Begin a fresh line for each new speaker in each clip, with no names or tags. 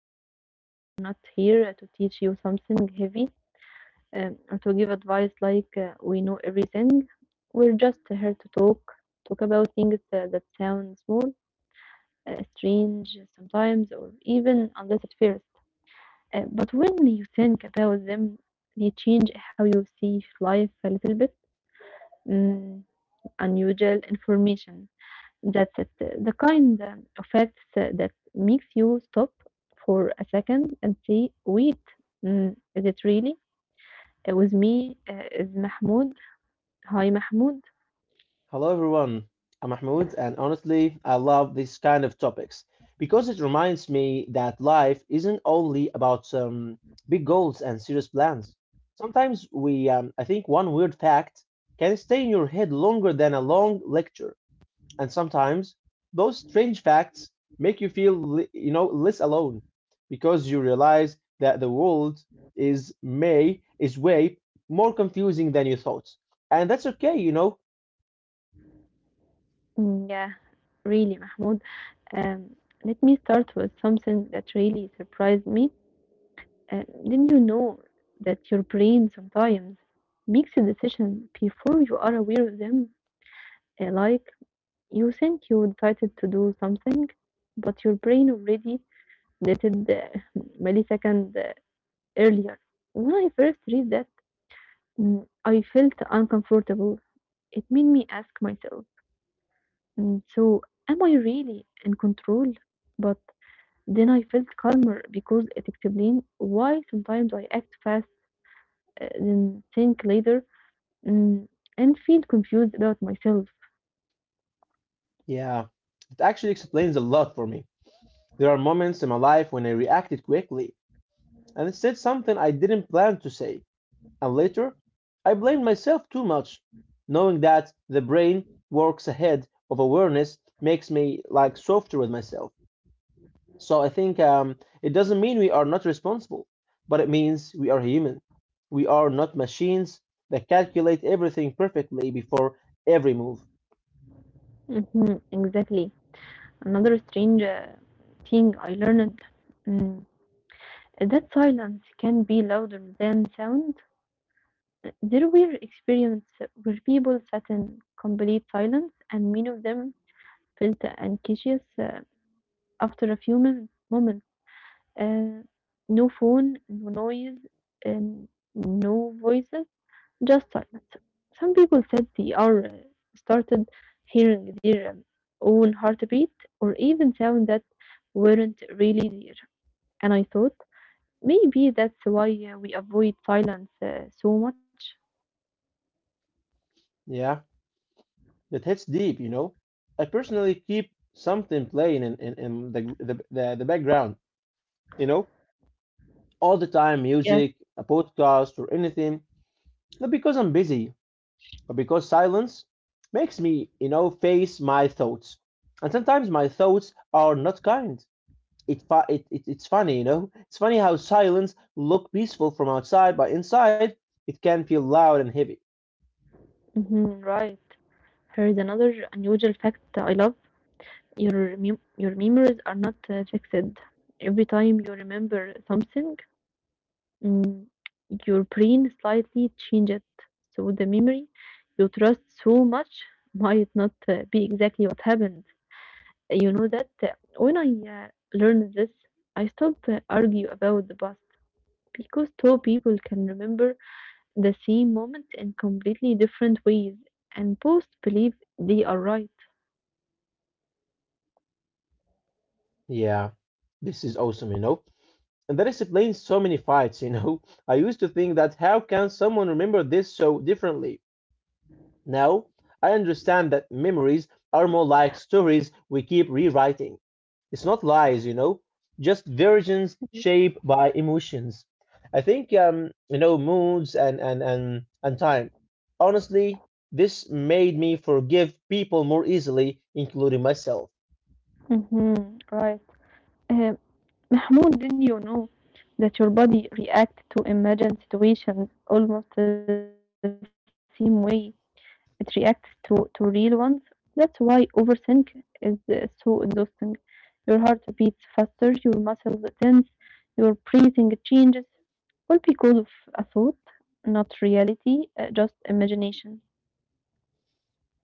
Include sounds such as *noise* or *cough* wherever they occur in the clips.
Shahn. Today we are not here to teach you something heavy or to give advice like we know everything. We're just here to talk, talk about things that sound small, strange sometimes, or even unless at first. But when you think about them, they change how you see life a little bit. Mm, unusual information. That's it. The kind of facts that makes you stop for a second and say, wait, is it really? With me is Mahmoud. Hi, Mahmoud.
Hello everyone, I'm Mahmoud, and honestly, I love these kind of topics because it reminds me that life isn't only about big goals and serious plans. Sometimes I think, one weird fact can stay in your head longer than a long lecture, and sometimes those strange facts make you feel less alone because you realize that the world is way more confusing than you thought, and that's okay.
Mm, yeah, really, Mahmoud. Um, let me start with something that really surprised me. Didn't you know that your brain sometimes makes a decision before you are aware of them? Uh, like, you think you decided to do something, but your brain already dated millisecond earlier. When I first read that, I felt uncomfortable. It made me ask myself, so am I really in control? But then I felt calmer because it explained why sometimes I act fast, then think later, mm, and feel confused about myself.
Yeah, it actually explains a lot for me. There are moments in my life when I reacted quickly and said something I didn't plan to say, and later I blamed myself too much. Knowing that the brain works ahead of awareness makes me like softer with myself. So I think it doesn't mean we are not responsible, but it means we are human. We are not machines that calculate everything perfectly before every move.
Mhm, exactly. Another strange thing I learned mm, is that silence can be louder than sound. There were experiences where people sat in complete silence, and many of them felt anxious after a few moments. Uh, no phone, no noise, and no voices, just silence. Some people said they are started hearing their own heartbeat or even sounds that weren't really there. And I thought maybe that's why we avoid silence so much.
Yeah, that hits deep, you know. I personally keep something playing in the background, you know, all the time,
Yes,
music, a podcast or anything, not because I'm busy, but because silence makes me face my thoughts. And sometimes my thoughts are not kind. It it's funny, you know. It's funny how silence look peaceful from outside, but inside it can feel loud and heavy.
mhm, right. Here is another unusual fact I love. Your memories are not fixed. Every time you remember something, mm, your brain slightly changes it. So the memory you trust so much might not be exactly what happened. You know that when I uh, learned this, I stopped argue about the past because two people can remember the same moment in completely different ways and both believe they are right.
Yeah, this is awesome, you know. And that explains so many fights, you know. *laughs* I used to think that how can someone remember this so differently? Now, I understand that memories are more like stories we keep rewriting. It's not lies, you know, just versions shaped by emotions. I think moods and time. Honestly, this made me forgive people more easily, including myself.
Mhm, right. Uh, Mahmoud, did you know that your body reacts to imagined situations almost the same way it reacts to real ones? That's why overthink is so exhausting. Your heart beats faster, your muscles tense, your breathing changes, all because of a thought, not reality, just imagination.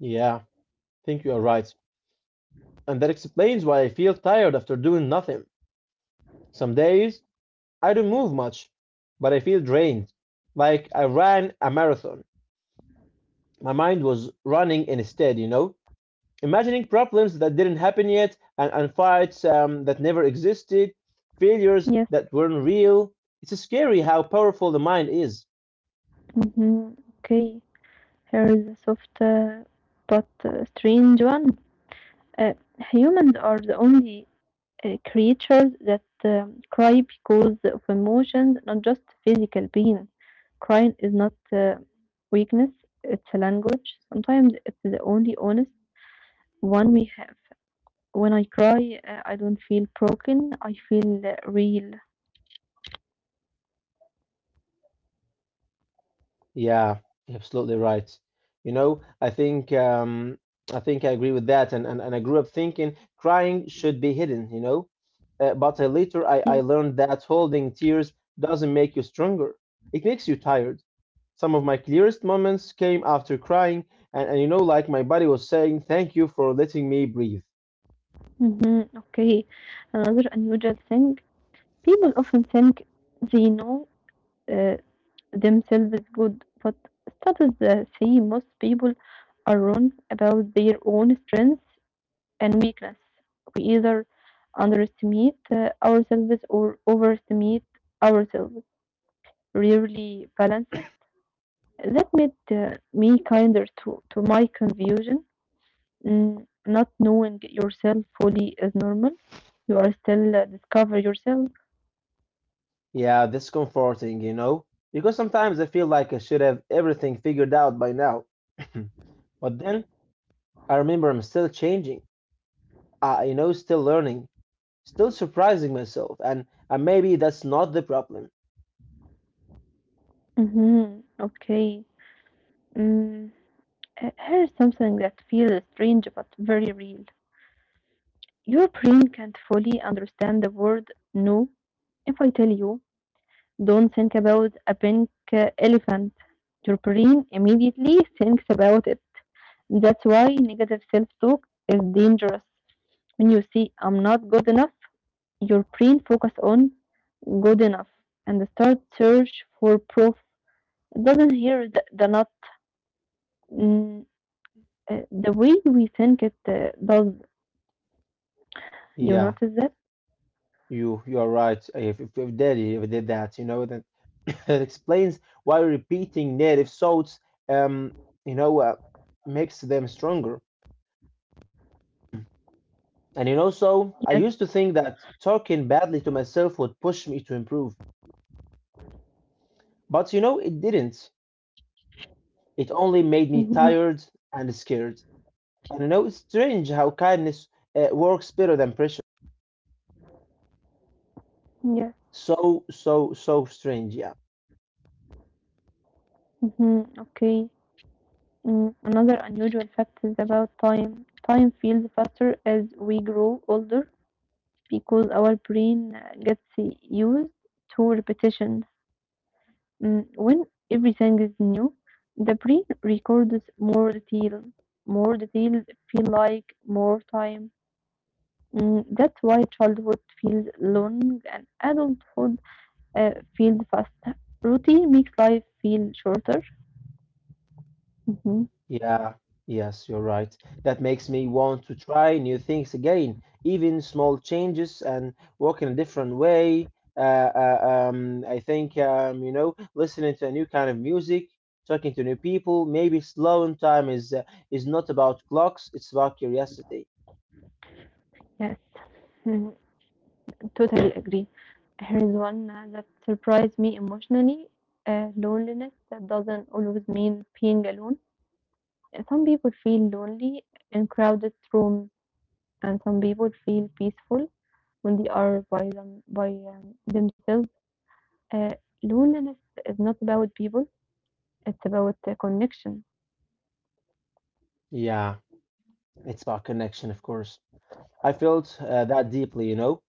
Yeah, I think you are right. And that explains why I feel tired after doing nothing. Some days I don't move much, but I feel drained, like I ran a marathon. My mind was running instead, you know, imagining problems that didn't happen yet, and fights that never existed, failures
Yes.
that weren't real. It's scary how powerful the mind is.
Mm-hmm. Okay. Here is a soft but strange one. Uh, humans are the only creatures that cry because of emotions, not just physical pain. Crying is not weakness, it's a language. Sometimes it's the only honest one we have. When I cry, I don't feel broken, I feel real.
Yeah, you're absolutely right. You know, I think um, I think I agree with that, and I grew up thinking crying should be hidden. You know, but I later I
Yes.
learned that holding tears doesn't make you stronger. It makes you tired. Some of my clearest moments came after crying, and you know, like my body was saying, "Thank you for letting me breathe."
Mm-hmm. Okay, another unusual thing. People often think they know uh, themselves good, but studies say most people are wrong about their own strengths and weakness. We either underestimate ourselves or overestimate ourselves, rarely balance it. That made me kinder to my confusion. Not knowing yourself fully is normal. You are still discover yourself.
Yeah, that's comforting. You know, because sometimes I feel like I should have everything figured out by now, *clears throat* but then I remember I'm still changing. I, you know, still learning, still surprising myself, and maybe that's not the problem.
Mm-hmm. Okay. Mm. Here's something that feels strange but very real. Your brain can't fully understand the word no if I tell you, don't think about a pink elephant. Your brain immediately thinks about it. That's why negative self talk is dangerous. When you see I'm not good enough, your brain focus on good enough and start search for proof. It doesn't hear the not. Mm, the way we think it does. You
Yeah,
notice that?
you are right. If Daddy if did that, you know, that *coughs* it explains why repeating native thoughts, um, you know, uh, makes them stronger. And you know, so
Yes.
I used to think that talking badly to myself would push me to improve, but you know, it didn't. It only made me
Mhm.
tired and scared. And you know, it's strange how kindness works better than pressure.
Yes.
So, so, so strange. Yeah.
Mhm. Okay. Another unusual fact is about time. Time feels faster as we grow older because our brain gets used to repetition. When everything is new, the brain records more detail. More details feel like more time. That's why childhood feels long and adulthood feels fast. Routine makes life feel shorter. Mhm.
Yeah. Yes, you're right. That makes me want to try new things again, even small changes and walk in a different way. Uh, I think, listening to a new kind of music, talking to new people, maybe slowing time is not about clocks, it's about curiosity.
Yes, mm, totally agree. Here is one that surprised me emotionally. Loneliness that doesn't always mean being alone. Some people feel lonely in crowded rooms, and some people feel peaceful when they are by themselves. Uh, loneliness is not about people; it's about the connection.
Yeah, it's about connection, of course. I felt that deeply, you know.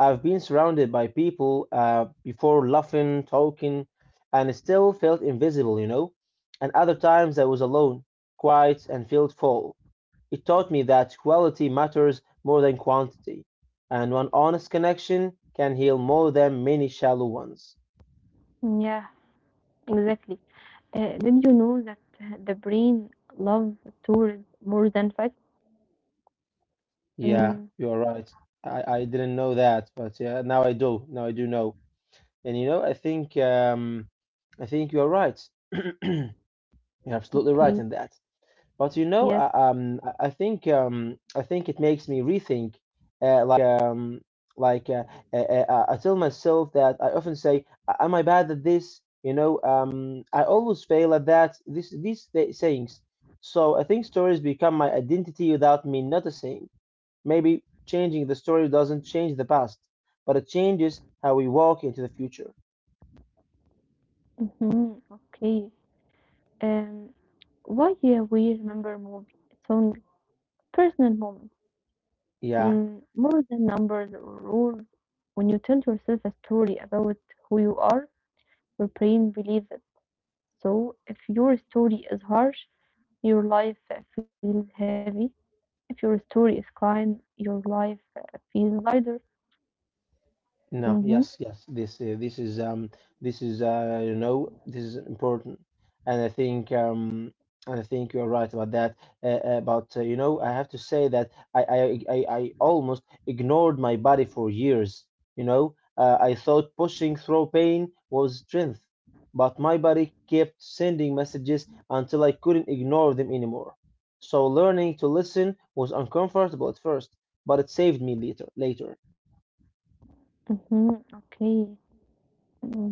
I've been surrounded by people before laughing, talking, and still felt invisible, you know? And other times I was alone, quiet, and felt full. It taught me that quality matters more than quantity, and one honest connection can heal more than many shallow ones.
Yeah, exactly. Did you know that the brain loves stories more than facts?
Yeah,
Mm,
you're right. I didn't know that, but yeah, now I do. Now I do know. And you know, I think you are right. *clears throat* You're absolutely right
okay.
in that. But you know,
Yes.
I think it makes me rethink. Uh, like um, like, I tell myself that I often say, "Am I bad at this?" You know, I always fail at that. This these th- sayings. So I think stories become my identity without me noticing. Maybe changing the story doesn't change the past, but it changes how we walk into the future.
Hmm. Okay. Um, why we remember movie song personal moments
Yeah.
more than numbers or rules. When you tell yourself a story about who you are, your brain believes it. So if your story is harsh, your life feels heavy. If your story is kind, your life feels lighter.
No, yes,
Mm-hmm.
yes. This this is you know this is important, and I think um and I think you're right about that. But you know I have to say that I almost ignored my body for years. You know I thought pushing through pain was strength, but my body kept sending messages until I couldn't ignore them anymore. So learning to listen was uncomfortable at first, but it saved me later.
Mm-hmm. Okay. Mm-hmm.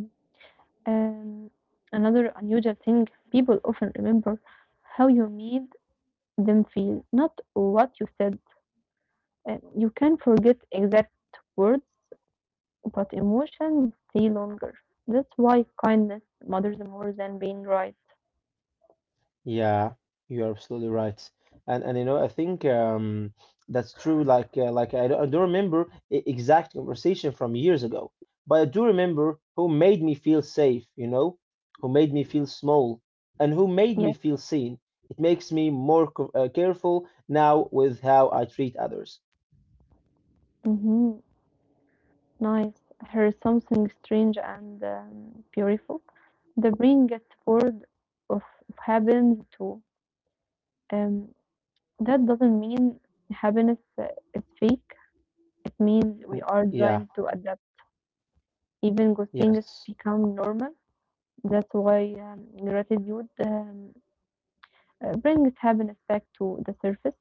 Um, another unusual thing, people often remember how you made them feel, not what you said. You can forget exact words, but emotions stay longer. That's why kindness matters more than being right.
Yeah, you're absolutely right. And you know, I think that's true. Like like I don't remember exact conversation from years ago, but I do remember who made me feel safe, you know, who made me feel small and who made me
Yes.
feel seen. It makes me more careful now with how I treat others.
Mm-hmm. Nice. Here is something strange and beautiful. The brain gets bored of happiness too. Um, that doesn't mean happiness is fake. It means we
N-
are
Yeah,
designed to adapt. Even good things
yes.
become normal. That's why gratitude brings happiness back to the surface.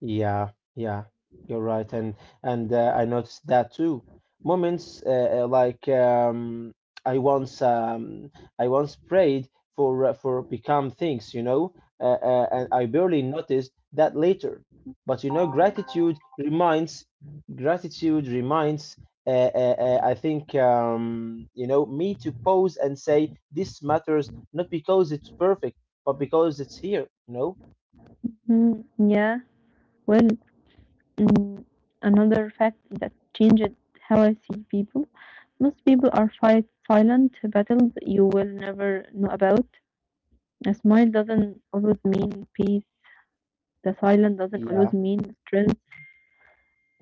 Yeah, yeah, you're right, and and I noticed that too. Moments like I once um, I once prayed for become things, you know, and I barely noticed that later. But you know, gratitude reminds. I think you know Me to pause and say this matters not because it's perfect, but because it's here. You know?
Mm, yeah, well, mm, another fact that changed how I see people. Most people are fight silent battles you will never know about. A smile doesn't always mean peace. The silence doesn't always
Yeah,
mean strength.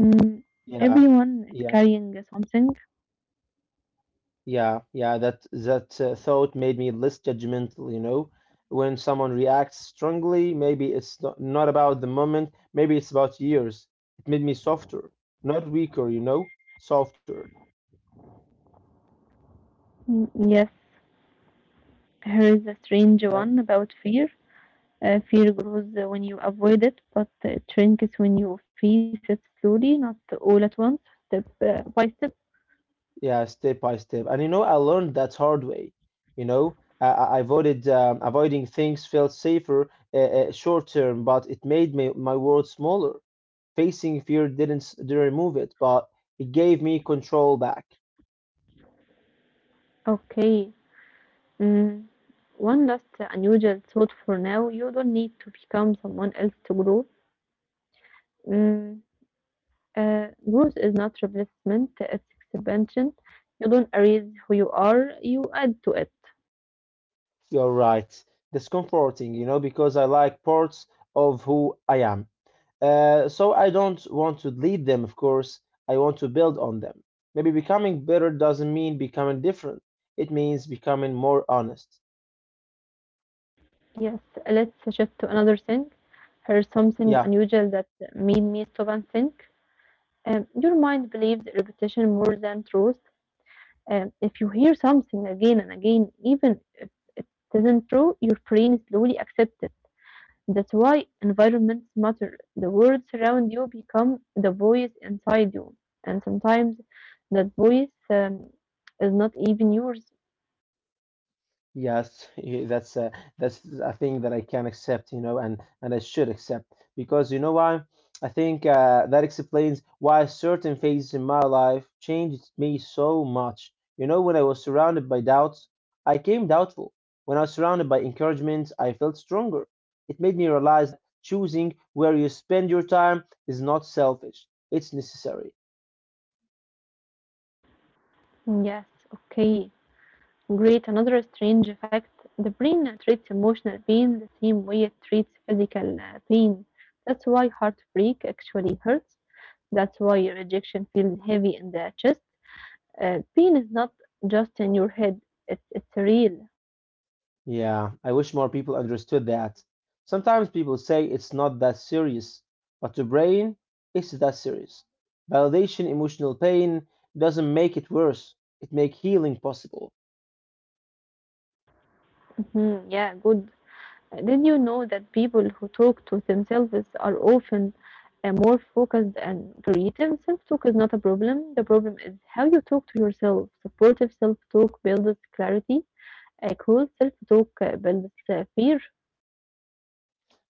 Mm,
yeah,
everyone is
yeah.
carrying something.
Yeah, yeah, that thought made me less judgmental, you know. When someone reacts strongly, maybe it's not, not about the moment, maybe it's about years. It made me softer, not weaker, you know, softer.
Mm, yes. Here is a strange
Yeah,
one about fear. Fear grows when you avoid it, but it shrinks when you face it slowly, not all at once, step by step.
yeah, step by step. And you know, I learned that hard way. You know, I avoided avoiding things felt safer short term, but it made me, my world smaller. Facing fear didn't remove it, but it gave me control back.
Okay. Mm. One last unusual thought for now. You don't need to become someone else to grow. Mm. Growth is not replacement, it's expansion. You don't erase who you are, you add to it.
You're right. Discomforting, you know, because I like parts of who I am. So I don't want to delete them, of course. I want to build on them. Maybe becoming better doesn't mean becoming different, it means becoming more honest.
Yes, let's shift to another thing. Here's something
Yeah.
unusual that made me stop and think. Your mind believes repetition more than truth. If you hear something again and again, even if it isn't true, your brain slowly accepts it. That's why environments matter. The words around you become the voice inside you, and sometimes that voice is not even yours.
Yes, that's that's a thing that I can accept, you know, and I should accept because you know why? I think that explains why certain phases in my life changed me so much. You know, when I was surrounded by doubts, I came doubtful. When I was surrounded by encouragement, I felt stronger. It made me realize that choosing where you spend your time is not selfish; it's necessary.
Yes, okay. Great, another strange fact, the brain treats emotional pain the same way it treats physical pain. That's why heartbreak actually hurts. That's why rejection feels heavy in the chest. Pain is not just in your head, it's real.
Yeah, I wish more people understood that. Sometimes people say it's not that serious, but to brain, it's that serious. Validation, emotional pain doesn't make it worse. It make healing possible.
Mhm, yeah, good. Did you know that people who talk to themselves are often more focused and creative? Self talk is not a problem. The problem is how you talk to yourself. Supportive self talk builds clarity. Cool self talk builds fear.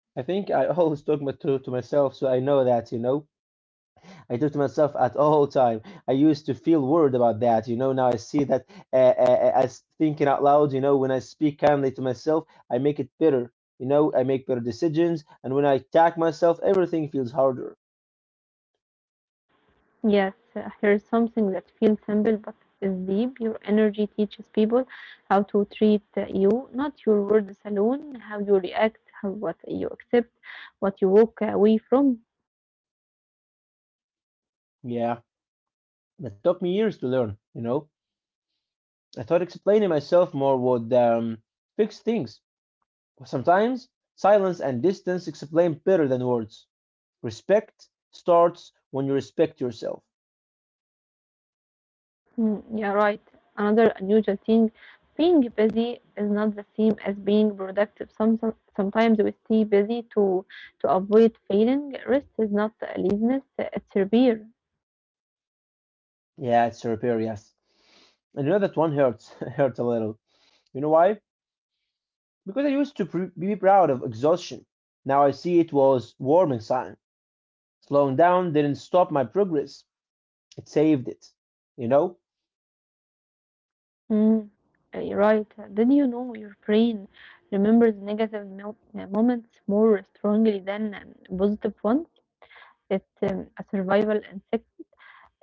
I think I *laughs* always talk to myself, so I know that, you know. I talk to myself at all time. I used to feel worried about that, you know. Now I see that as thinking out loud, you know, when I speak kindly to myself, I make it better. You know, I make better decisions, and when I attack myself, everything feels harder.
Yes, here's something that feels simple but is deep. Your energy teaches people how to treat you, not your words alone, how you react, how, what you accept, what you walk away from.
Yeah, that took me years to learn, you know. I thought explaining myself more would fix things. But sometimes silence and distance explain better than words. Respect starts when you respect yourself.
Mm, yeah, right. Another unusual thing, being busy is not the same as being productive. Sometimes we stay busy to avoid failing. Rest is not laziness; it's repair.
Yeah, it's repair, yes. And you know that one hurts, *laughs* hurts a little. You know why? Because I used to be proud of exhaustion. Now I see it was warming sign. Slowing down didn't stop my progress. It saved it. You know?
Mm, you're right. Did you know your brain remembers negative moments more strongly than positive ones? It's a survival instinct.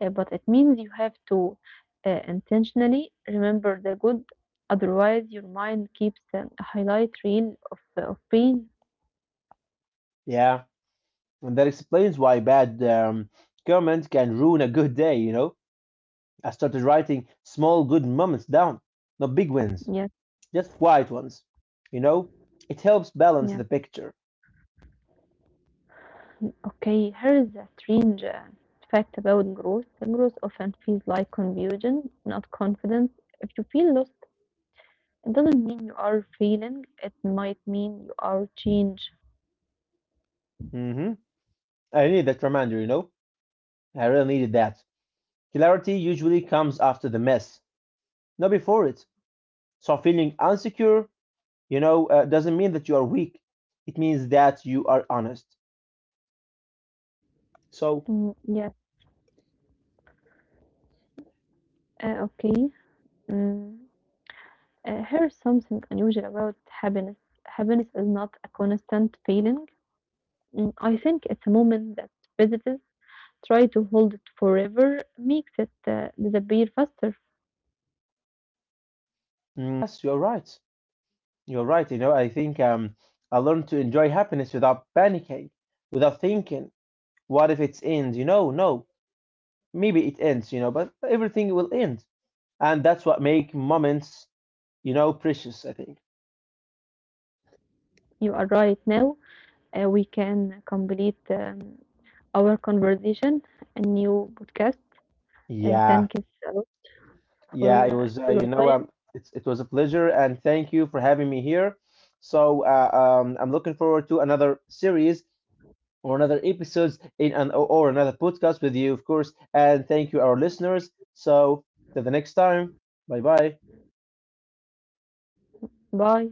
But it means you have to intentionally remember the good, otherwise your mind keeps a highlight reel of pain.
Yeah. And that explains why bad comment can ruin a good day, you know? I started writing small good moments down, not big wins,
Yes,
just quiet ones, you know? It helps balance
yes.
the picture.
Okay, here is a strange fact about growth. Growth often feels like confusion, not confidence. If you feel lost, it doesn't mean you are failing. It might mean you are change.
hmm I need that reminder, you know? I really needed that. Clarity usually comes after the mess, not before it. So feeling insecure, doesn't mean that you are weak. It means that you are honest. So,
Mm, yes. Okay. Mm. Here's something unusual about happiness. Happiness is not a constant feeling. Mm, I think it's a moment that visitors try to hold it forever makes it disappear faster.
mm, yes, you're right. You're right. You know, I think I learned to enjoy happiness without panicking, without thinking, what if it ends? You know, no, maybe it ends, you know, but everything will end. And that's what make moments, you know, precious, I think.
You are right now. We can complete our conversation a new podcast.
Yeah,
Thank you a lot
yeah,
for your time.
it was a pleasure and thank you for having me here. So I'm looking forward to another series or another episodes in an or another podcast with you, of course. And thank you, our listeners. So till the next time. Bye bye.
Bye.